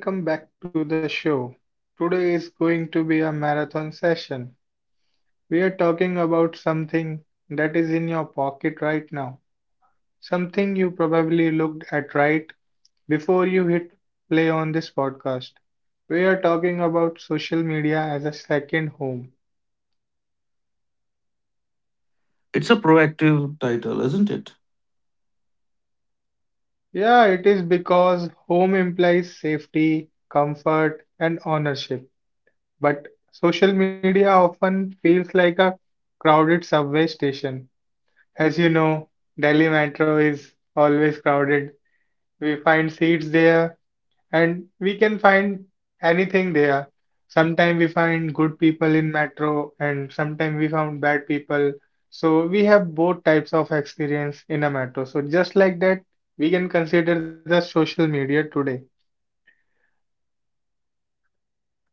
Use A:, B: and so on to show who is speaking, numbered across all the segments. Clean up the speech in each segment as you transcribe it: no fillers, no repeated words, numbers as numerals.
A: Welcome back to the show. Today is going to be a marathon session. We are talking about something that is in your pocket right now, something you probably looked at right before you hit play on this podcast. We are talking about social media as a second home.
B: It's a proactive title, isn't it?
A: Yeah, it is because home implies safety, comfort, and ownership. But social media often feels like a crowded subway station. As you know, Delhi Metro is always crowded. We find seats there and we can find anything there. Sometimes we find good people in metro and sometimes we found bad people. So we have both types of experience in a metro. So just like that, we can consider the social media today.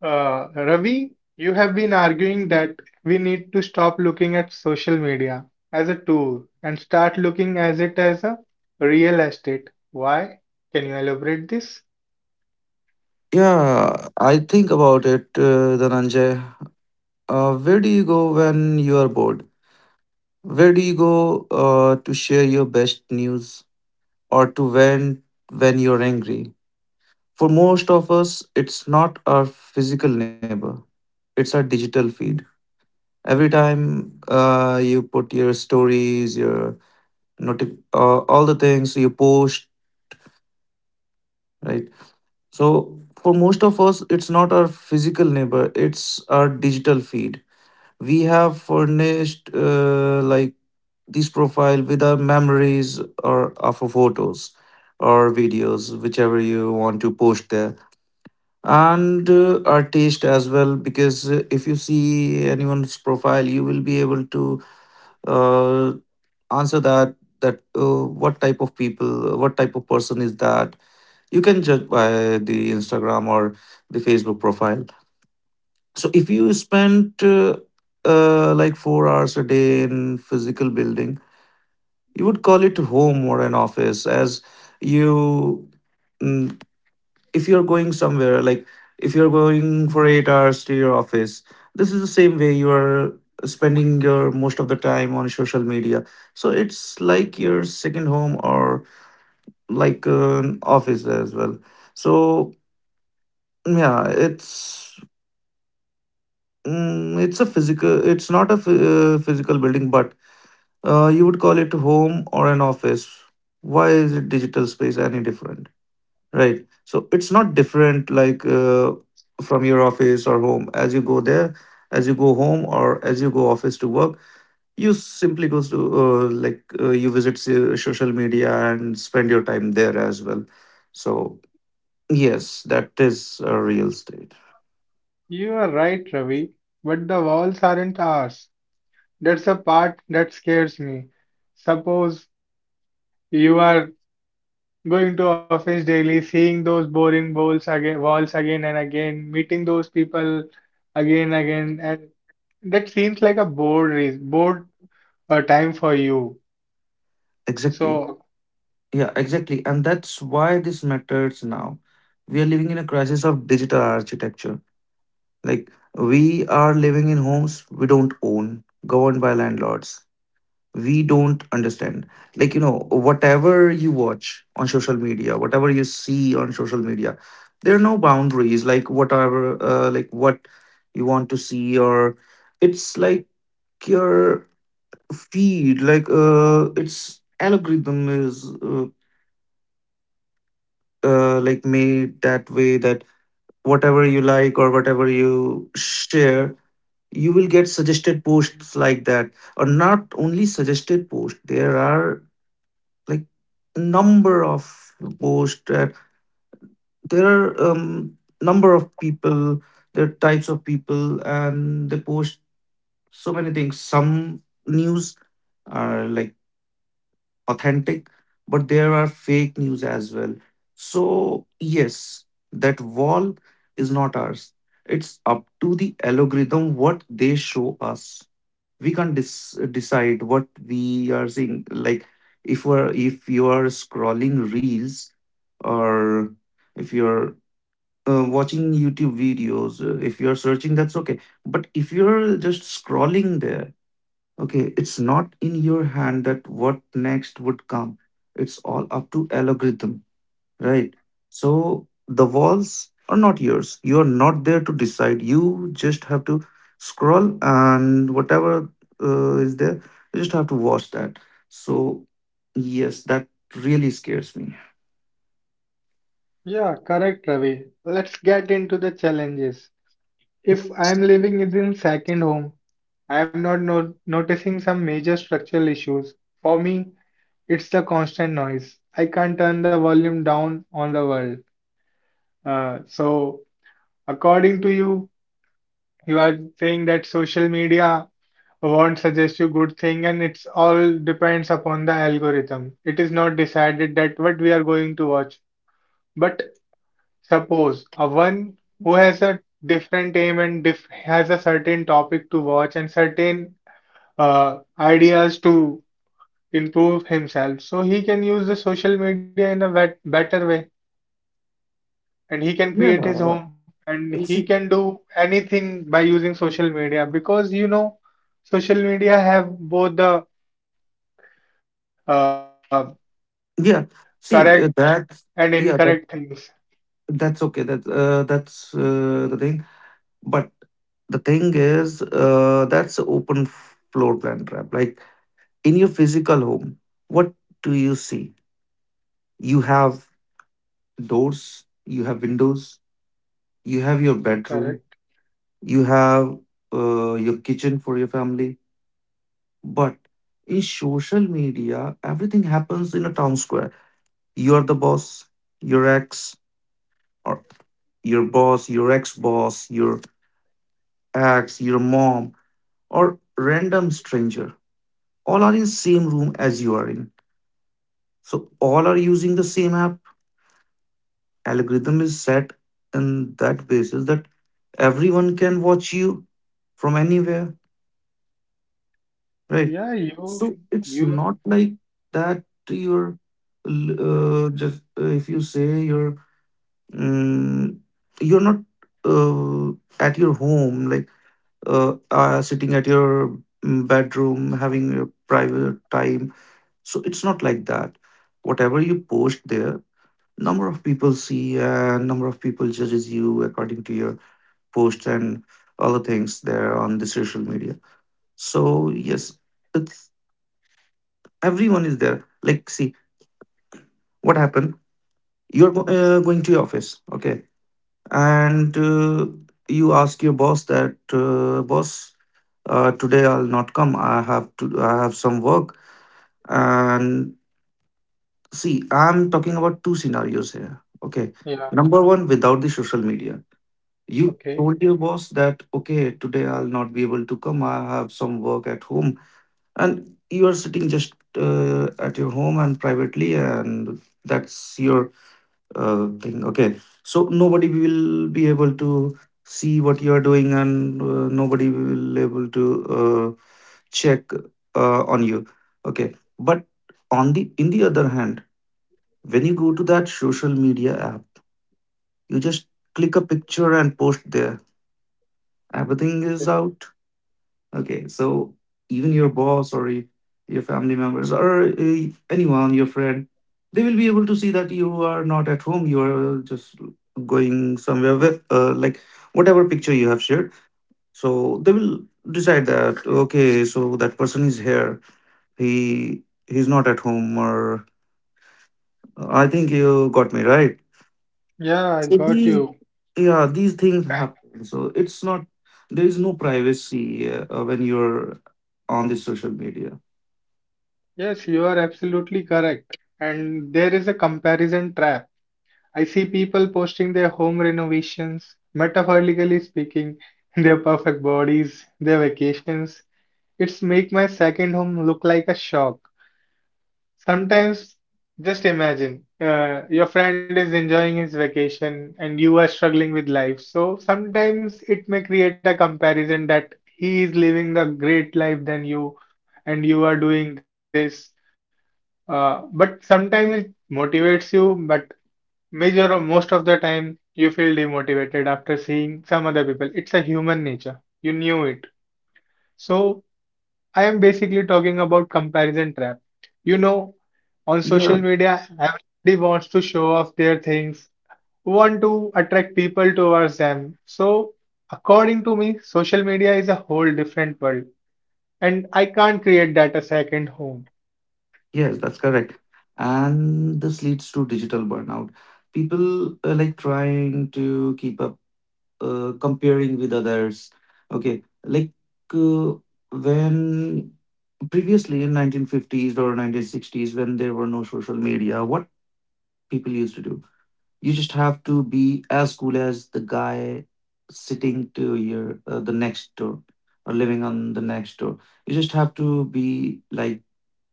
A: Ravi, you have been arguing that we need to stop looking at social media as a tool and start looking as it as a real estate. Why? Can you elaborate this?
B: Yeah, I think about it, Dhananjay. Where do you go when you are bored? Where do you go to share your best news or to vent when you're angry? For most of us, it's not our physical neighbor, it's our digital feed. Every time you put your stories, your all the things you post, right? So, for most of us, it's not our physical neighbor, it's our digital feed. We have furnished like this profile with our memories or our photos or videos, whichever you want to post there, and our taste as well. Because if you see anyone's profile, you will be able to uh, answer that that what type of people, what type of person is that you can judge by the Instagram or the Facebook profile. So if you spent like 4 hours a day in physical building, you would call it home or an office. As you, mm, if you're going somewhere, like if you're going for 8 hours to your office, this is the same way you are spending your most of the time on social media. So it's like your second home or like an office as well. So yeah, it's a physical. It's not a physical building, but you would call it home or an office. Why is it digital space any different, right? So it's not different like from your office or home. As you go there, as you go home, or as you go office to work, you simply goes to like you visit social media and spend your time there as well. So yes, that is a real state.
A: You are right, Ravi, but the walls aren't ours. That's the part that scares me. Suppose you are going to office daily, seeing those boring walls again and again, meeting those people again again, and that seems like a bored a time for you.
B: Exactly.
A: So,
B: Yeah, exactly. And that's why this matters now. We are living in a crisis of digital architecture. Like, we are living in homes we don't own, governed by landlords. We don't understand. Like, you know, whatever you watch on social media, whatever you see on social media, there are no boundaries. Like, whatever, like what you want to see, or it's like your feed, its algorithm is. Like made that way that whatever you like or whatever you share you will get suggested posts like that, or not only suggested posts, there are like number of posts that, there are number of people, there are types of people and they post so many things. Some news are like authentic, but there are fake news as well. So, yes, that wall is not ours. It's up to the algorithm what they show us. We can't decide what we are seeing. Like if we're if you are scrolling reels, or if you're watching YouTube videos, if you're searching, that's okay. But if you're just scrolling there, okay, it's not in your hand that what next would come. It's all up to algorithm, right? So the walls are not yours. You are not there to decide. You just have to scroll and whatever is there, you just have to watch that. So yes, that really scares me.
A: yeah, correct, Ravi. Let's get into the challenges. If I am living in second home, I am not no noticing some major structural issues. For me, it's the constant noise. I can't turn the volume down on the world. Uh, so, According to you, you are saying that social media won't suggest you good thing, and it's all depends upon the algorithm. It is not decided that what we are going to watch. But suppose a one who has a different aim and diff has a certain topic to watch and certain ideas to improve himself. So he can use the social media in a better way and he can create his
B: Yeah,
A: home and he
B: you
A: can
B: see,
A: do anything by using social media because you know social media have both the uh, correct and
B: yeah,
A: incorrect
B: see
A: things.
B: that. Yeah, that's okay. That's the thing. But the thing is, that's a open floor plan trap. Like in your physical home, what do you see? You have doors, you have windows, you have your
A: Correct.
B: bedroom, you have your kitchen for your family. But in social media, everything happens in a town square. You are the boss, your ex, or your boss, your ex, your mom, or random stranger, all are in same room as you are in. So all are using the same app, algorithm is set in that basis that everyone can watch you from anywhere, right?
A: Yeah, you
B: So it's
A: you
B: not like that you're just if you say you're mm you're not uh, at your home, like sitting at your bedroom having your private time. So it's not like that. Whatever you post there, number of people see, number of people judges you according to your post and all the things there on the social media. So yes, it's, everyone is there. Like, see what happened, you're going to your office, okay, and you ask your boss that boss, today I'll not come, I have to, I have some work. And see, I'm talking about two scenarios here, okay?
A: Yeah,
B: Number one, without the social media, you
A: okay.
B: told your boss that, okay, today I'll not be able to come, I have some work at home. And you are sitting just at your home and privately, and that's your thing. Okay. So nobody will be able to see what you are doing, and nobody will able to uh, check on you. Okay. But on the in the other hand, when you go to that social media app, you just click a picture and post there, everything is out. Okay, so even your boss or your family members or anyone, your friend, they will be able to see that you are not at home. You are just going somewhere with like whatever picture you have shared. So they will decide that, okay, so that person is here. He's not at home, or I think you got me right.
A: Yeah, I
B: So
A: got
B: these,
A: you.
B: yeah, these things happen. So it's not, there is no privacy when you're on the social media.
A: Yes, you are absolutely correct. And there is a comparison trap. I see people posting their home renovations, metaphorically speaking, their perfect bodies, their vacations. It's make my second home look like a shock. Sometimes, just imagine, your friend is enjoying his vacation and you are struggling with life. So sometimes it may create a comparison that he is living the great life than you and you are doing this, but sometimes it motivates you, but major most of the time you feel demotivated after seeing some other people. It's a human nature. You knew it. So I am basically talking about comparison trap. You know, on
B: Yeah,
A: social media, everybody wants to show off their things, want to attract people towards them. So according to me, social media is a whole different world, and I can't create that a second home.
B: yes, that's correct. And this leads to digital burnout. People like trying to keep up, comparing with others. Okay, like uh, when previously in 1950s or 1960s, when there were no social media, what people used to do? You just have to be as cool as the guy sitting to your the next door or living on the next door. You just have to be like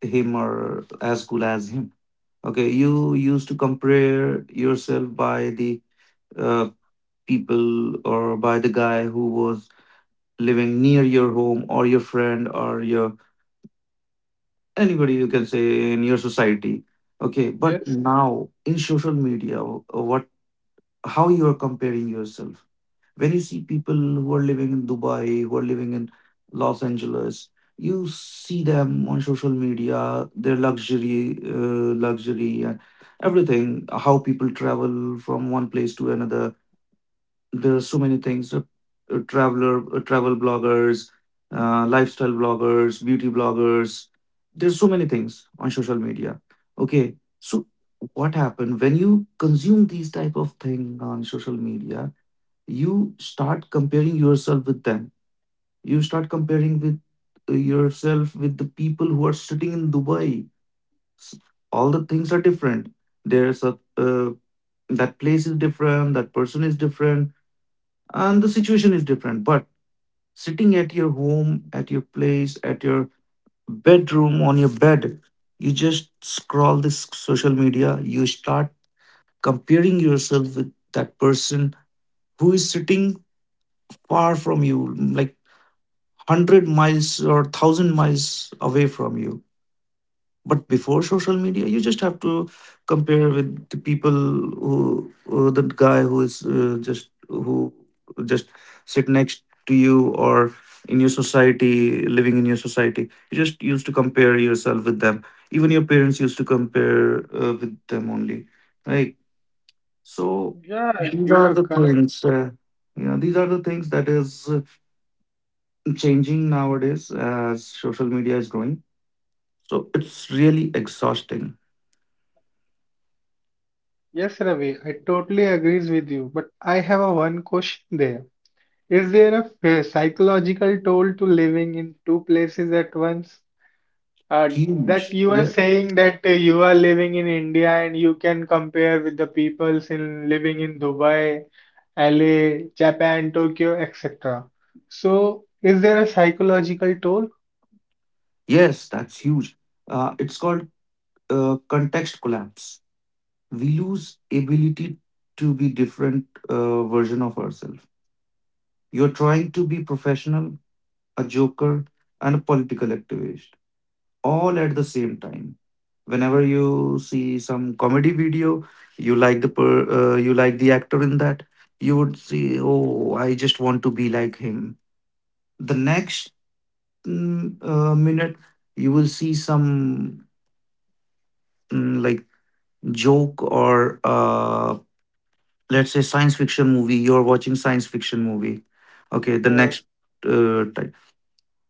B: him or as cool as him. Okay, you used to compare yourself by the uh, people or by the guy who was living near your home or your friend or your anybody you can say in your society. Okay, but
A: Yes.
B: now in social media, what, how you are comparing yourself? When you see people who are living in Dubai, who are living in Los Angeles, you see them on social media, their luxury, and everything, how people travel from one place to another. There are so many things. Traveler, travel bloggers, lifestyle bloggers, beauty bloggers. There's so many things on social media. Okay, so what happened when you consume these type of thing on social media? You start comparing yourself with them. You start comparing with yourself with the people who are sitting in Dubai. S- All the things are different. There's a that place is different, that person is different, and the situation is different. But sitting at your home, at your place, at your bedroom, on your bed, you just scroll this social media. You start comparing yourself with that person who is sitting far from you, like 100 miles or 1000 miles away from you. But before social media, you just have to compare with the people who, the guy who is just who just sit next to you or in your society, living in your society, you just used to compare yourself with them. Even your parents used to compare with them only, right? So
A: Yeah,
B: these
A: you
B: are
A: are
B: the
A: correct.
B: things, you know, these are the things that is changing nowadays as social media is growing. So it's really exhausting.
A: Yes, Ravi, I totally agrees with you, but I have a one question there. Is there a psychological toll to living in two places at once? Uh, that
B: Huge.
A: you are
B: Yeah.
A: saying that you are living in India and you can compare with the peoples in living in Dubai, LA, Japan, Tokyo, etc. So, is there a psychological toll?
B: Yes, that's huge. It's called context collapse. We lose ability to be different version of ourselves. You're trying to be professional, a joker, and a political activist all at the same time. Whenever you see some comedy video, you like the you like the actor in that. You would see, oh, I just want to be like him. The next minute you will see some mm, like joke, or let's say science fiction movie. You're watching science fiction movie. Okay, the
A: Uh,
B: next type.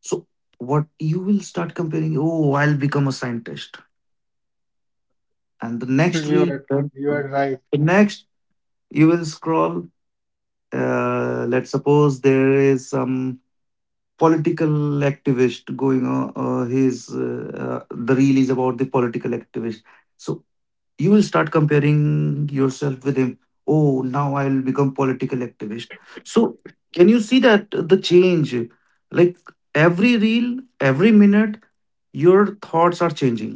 B: So what you will start comparing, oh, I'll become a scientist. And the next
A: you
B: reel
A: are you are right.
B: the next, you will scroll. Let's suppose there is some political activist going on, his the reel is about the political activist. So you will start comparing yourself with him. Oh, now I will become political activist. So, can you see that the change, like, every reel, every minute, your thoughts are changing.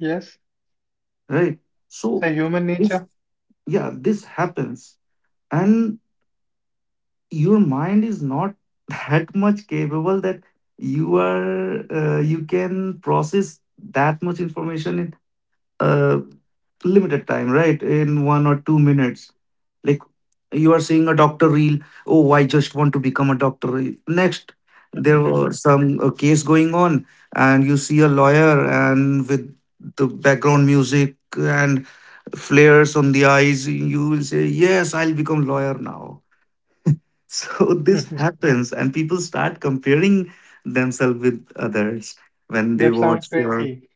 A: Yes,
B: Right.
A: it's a
B: so
A: human
B: it's
A: nature.
B: Yeah, this happens. And your mind is not that much capable that you can process that much information in a limited time, right? In 1 or 2 minutes, like, you are seeing a doctor reel. Oh, I just want to become a doctor. Next, there were some case going on, and you see a lawyer, and with the background music and flares on the eyes, you will say, yes, I'll become lawyer now. So, this happens, and people start comparing themselves with others when they
A: That sounds
B: watch your.
A: crazy.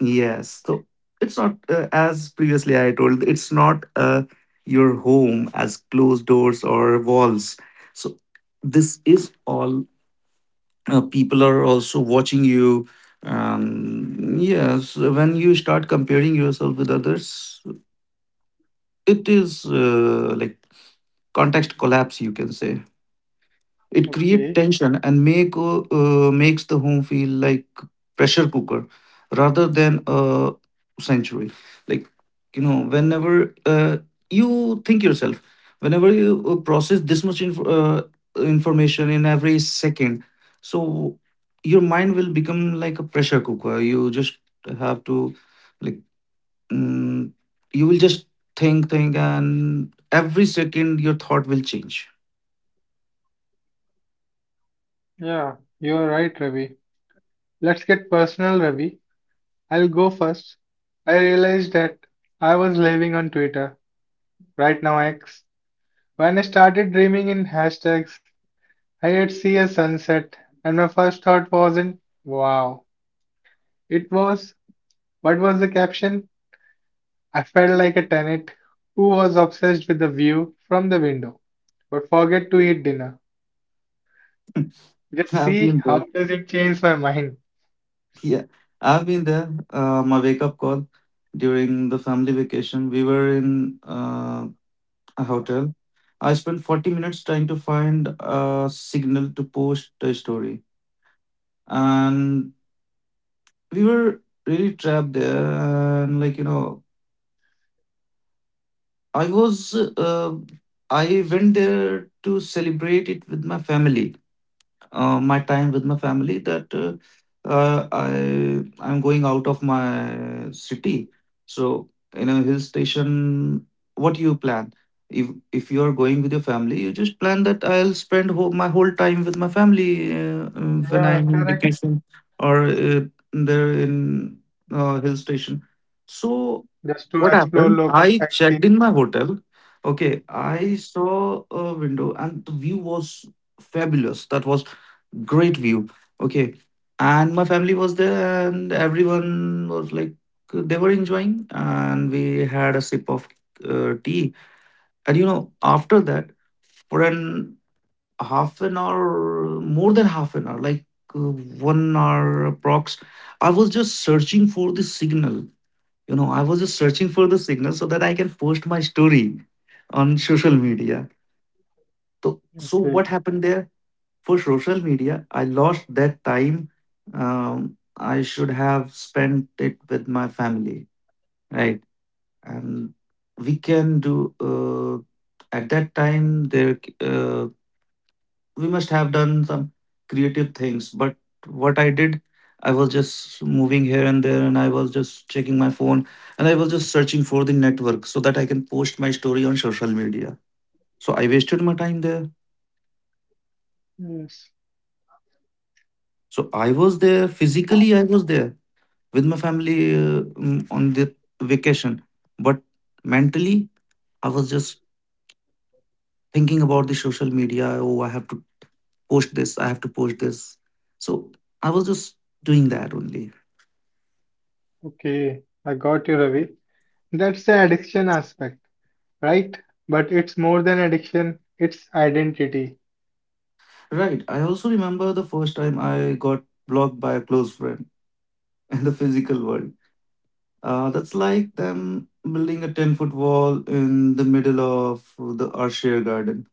B: Yes, so it's not as previously I told, it's not your home as closed doors or walls. So this is all. People are also watching you. um yes, when you start comparing yourself with others, it is like context collapse, you can say. It creates
A: Okay.
B: tension and makes the home feel like pressure cooker rather than a sanctuary. Like, you know, whenever you think yourself, whenever you process this much information in every second, so your mind will become like a pressure cooker. You just have to, like, mm, you will just think, and every second your thought will change.
A: Yeah, you're right, Ravi. Let's get personal, Ravi. I'll go first. I realized that I was living on Twitter, right now X. When I started dreaming in hashtags, I would see a sunset, and my first thought wasn't, wow. It was, what was the caption? I felt like a tenant who was obsessed with the view from the window, but forget to eat dinner. Just
B: Have
A: see
B: you.
A: how does it change my mind.
B: Yeah, I've been there. My wake up call during the family vacation. We were in a hotel. I spent 40 minutes trying to find a signal to post the story. And we were really trapped there. And, like, you know, I was, uh, I went there to celebrate it with my family. My time with my family, that I I'm going out of my city. So, in a hill station, what you plan? If you are going with your family, you just plan that I'll spend whole, my whole time with my family when
A: Yeah,
B: I'm in
A: correct.
B: vacation, or there in hill station. So
A: Just to
B: what
A: explore
B: happened?
A: local
B: I
A: sightseeing.
B: checked in my hotel. Okay, I saw a window and the view was fabulous. That was. Great view. Okay. And my family was there, and everyone was like, they were enjoying. And we had a sip of tea. And you know, after that, for an half an hour, more than half an hour, like, uh, 1 hour approx, I was just searching for the signal. You know, I was just searching for the signal so that I can post my story on social media. So, so
A: Okay.
B: what happened there? For social media, I lost that time. um, I should have spent it with my family, right? And we can do, uh, at that time there, uh, we must have done some creative things, but what I did, I was just moving here and there, and I was just checking my phone, and I was just searching for the network so that I can post my story on social media. So I wasted my time there.
A: Yes.
B: So I was there physically, I was there with my family on the vacation. But mentally, I was just thinking about the social media. Oh, I have to post this. I have to post this. So I was just doing that only.
A: Okay. I got you, Ravi. That's the addiction aspect, right? But it's more than addiction, it's identity.
B: Right. I also remember the first time I got blocked by a close friend in the physical world. That's like them building a 10-foot wall in the middle of the our shared garden.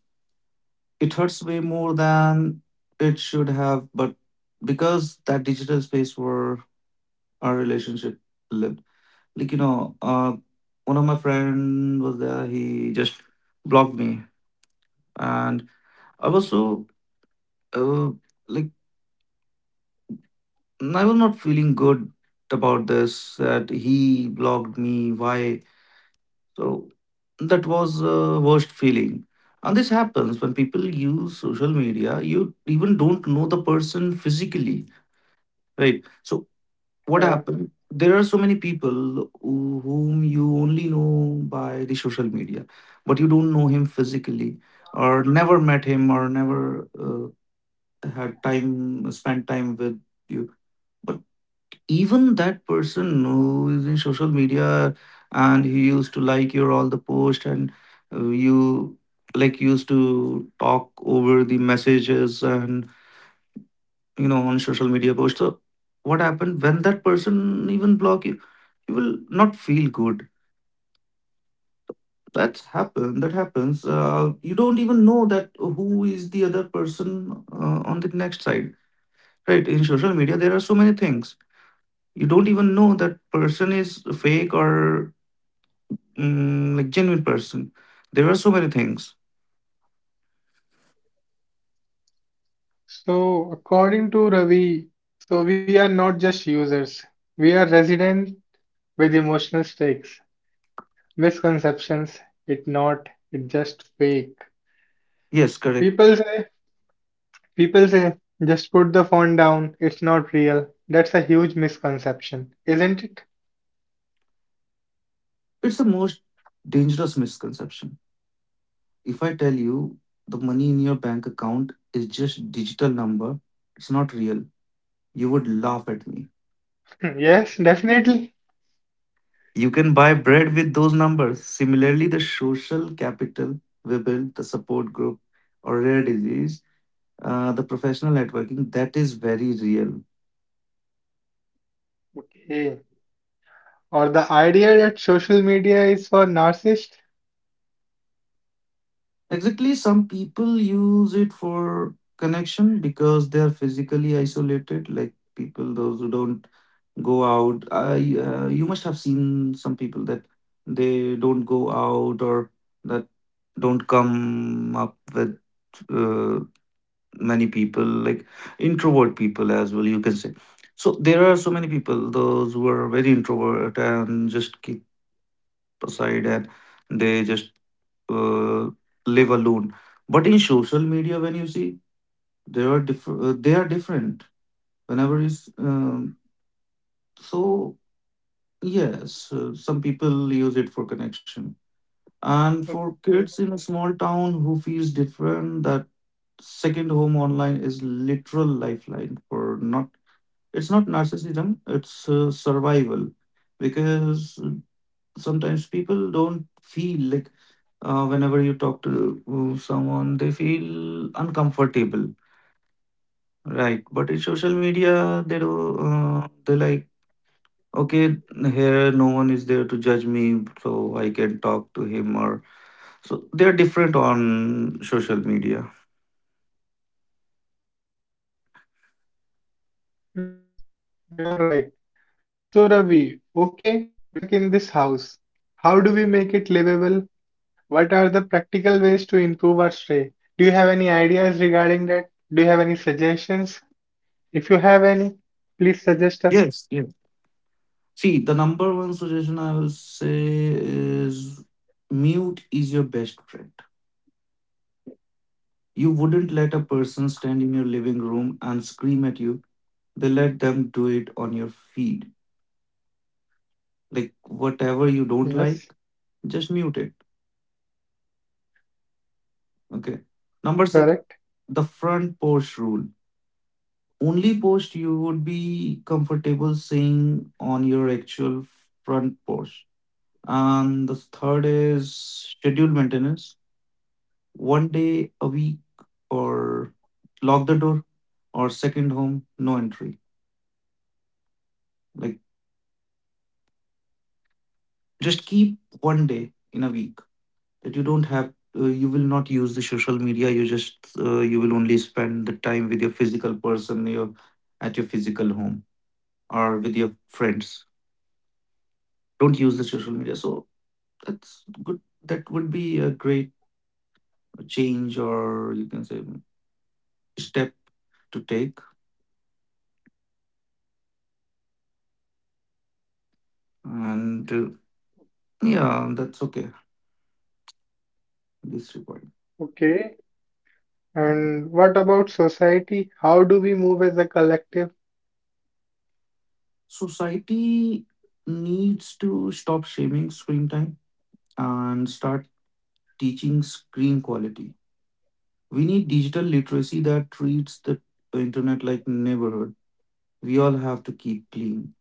B: It hurts way more than it should have, but because that digital space were our relationship lived. Like, you know, one of my friend was there. He just blocked me, and I was so uh, like, I was not feeling good about this that he blocked me. Why? So that was a worst feeling. And this happens when people use social media. You even don't know the person physically, right? So what
A: Uh,
B: happened, there are so many people whom you only know by the social media, but you don't know him physically, or never met him, or never uh, had time spent time with you. But even that person who is in social media, and he used to like your all the post, and you, like, used to talk over the messages, and you know, on social media post. So what happened when that person even block you, you will not feel good. That's happened, that happens. You don't even know that who is the other person on the next side, right? In social media, there are so many things. You don't even know that person is fake or genuine person. There are so many things.
A: According to Ravi, so we are not just users. We are resident with emotional stakes, misconceptions. It not, it just fake.
B: Yes, correct.
A: People say, People say, just put the phone down. It's not real. That's a huge misconception, isn't it?
B: It's the most dangerous misconception. If I tell you the money in your bank account is just digital number, it's not real. You would laugh at me.
A: Yes, definitely.
B: You can buy bread with those numbers. Similarly, the social capital we build, the support group, or rare disease, the professional networking, that is very real.
A: Okay. Or the idea that social media is for narcissists?
B: Exactly, some people use it for connection because they are physically isolated, like people those who don't go out. You must have seen some people that they don't go out, or that don't come up with uh, many people, like introvert people as well, you can say. So there are so many people, those who are very introvert and just keep aside, and they just uh, live alone. But in social media, when you see, there are different. They are different. Whenever you, s- so Yes, some people use it for connection. And for kids in
A: Okay.
B: a small town who feels different, that second home online is literal lifeline. For not It's not narcissism, it's survival. Because sometimes people don't feel like, whenever you talk to someone, they feel uncomfortable, right? But in social media they do, they like, okay, here no one is there to judge me, so I can talk to him. Or so they're different on social media.
A: Yes, you are right. So, Ravi, okay, we are stuck in this house. How do we make it livable? What are the practical ways to improve our stay? Do you have any ideas regarding that? Do you have any suggestions? If you have any, please suggest us.
B: Yes, yeah. See, the number one suggestion I will say is mute is your best friend. You wouldn't let a person stand in your living room and scream at you. They let them do it on your feed. Like, whatever
A: Yes,
B: you don't like, just mute it. Okay.
A: correct.
B: Number six, the front porch rule, only post you would be comfortable seeing on your actual front porch. And the third is schedule maintenance. One day a week, or lock the door, or second home, no entry. Like, just keep one day in a week that you don't have, you will not use the social media. You just, you will only spend the time with your physical person, your, at your physical home, or with your friends. Don't use the social media. So that's good. That would be a great change, or you can say step to take. And yeah, that's okay. This report.
A: Okay. And what about society? How do we move as a collective?
B: Society needs to stop shaming screen time and start teaching screen quality. We need digital literacy that treats the internet like neighborhood. We all have to keep clean.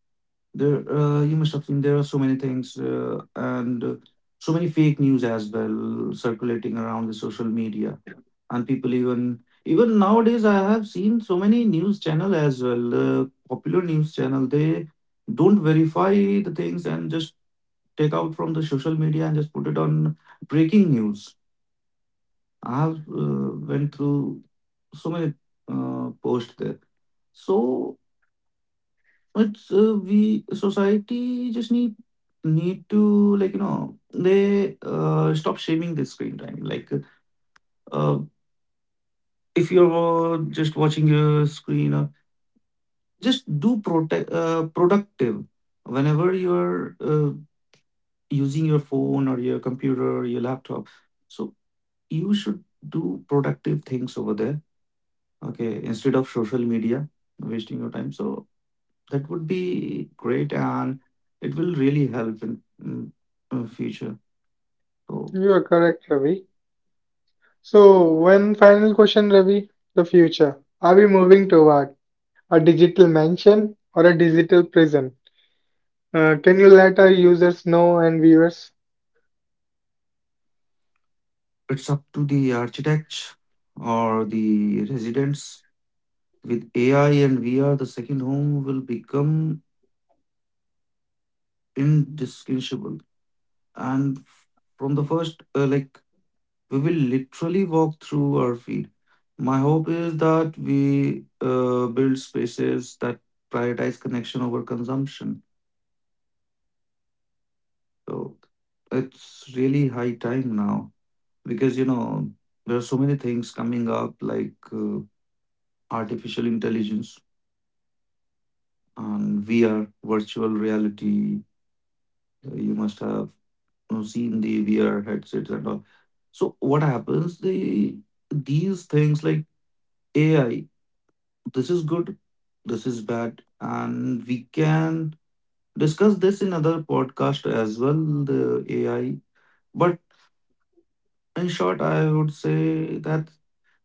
B: There, you must have seen, there are so many things and so many fake news as well circulating around the social media, and people, even nowadays I have seen so many news channel as well, popular news channel. They don't verify the things and just take out from the social media, and just put it on breaking news. I have went through so many posts there. So it's we society just need to, like, you know, they stop shaming the screen time. Like uh, if you're just watching your screen, just do protect productive. Whenever you're using your phone, or your computer, or your laptop, so you should do productive things over there. Okay, instead of social media wasting your time. So that would be great, and it will really help in, in future. So,
A: You are correct, Ravi. So, one final question, Ravi. The future. Are we moving toward a digital mansion or a digital prison? Can you let our users know and viewers?
B: it's up to the architects or the residents. With AI and VR, the second home will become indistinguishable. And f- from the first, like, we will literally walk through our feet. My hope is that we build spaces that prioritize connection over consumption. So it's really high time now, because, you know, there are so many things coming up, like, artificial intelligence and VR, virtual reality. You must have, you know, seen the VR headsets and all. So what happens? The these things like AI. This is good, this is bad, and we can discuss this in other podcast as well. The AI. But in short, I would say that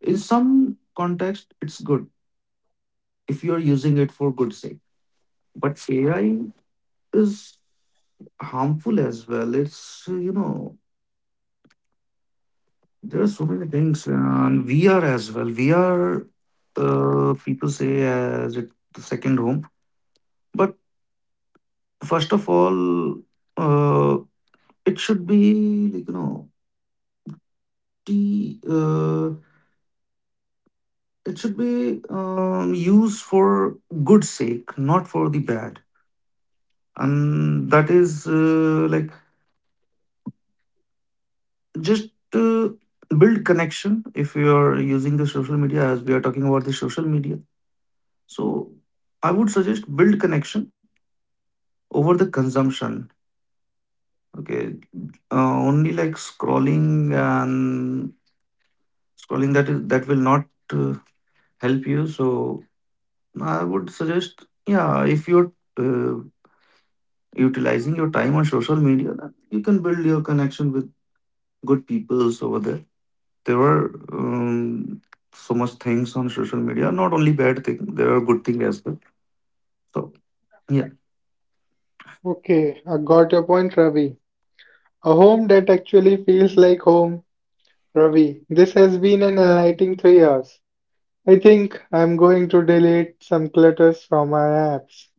B: in some context it's good if you are using it for good sake. But AI is harmful as well. It's, you know, there are so many things, and VR as well. VR, people say as it the second home. But first of all, uh, it should be, like, you know, the it should be used for good sake, not for the bad. And that is like, just to build connection. If you are using the social media, as we are talking about the social media, so I would suggest build connection over the consumption. Okay, only like scrolling and scrolling, that is, that will not uh, help you. So I would suggest, yeah, if you're uh, utilizing your time on social media, then you can build your connection with good peoples over there. There were so much things on social media, not only bad thing, there are good things as well. So, yeah.
A: Okay, I got your point, Ravi. A home that actually feels like home, Ravi. This has been an enlightening 3 hours. I think I'm going to delete some clutters from my apps.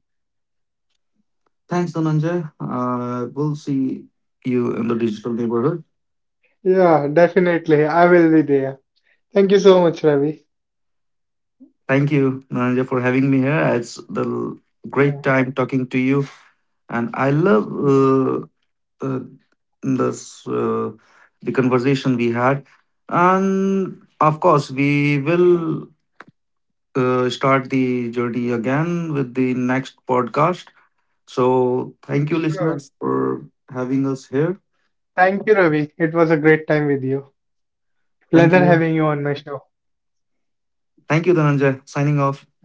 B: Thanks, Dhananjay, we'll see you in the digital neighborhood.
A: Yeah, definitely. I will be there. Thank you so much, Ravi.
B: Thank you, Dhananjay, for having me here.
A: Yeah.
B: Great time talking to you, and I love uh, this, uh, the conversation we had. And of course we will start the journey again with the next podcast. So thank you,
A: Sure.
B: listeners, for having us here.
A: Thank you, Ravi. It was a great time with you. Pleasure having
B: Thank
A: you
B: you.
A: on my show.
B: Thank you, Dhananjay. Signing off.
A: Thank you.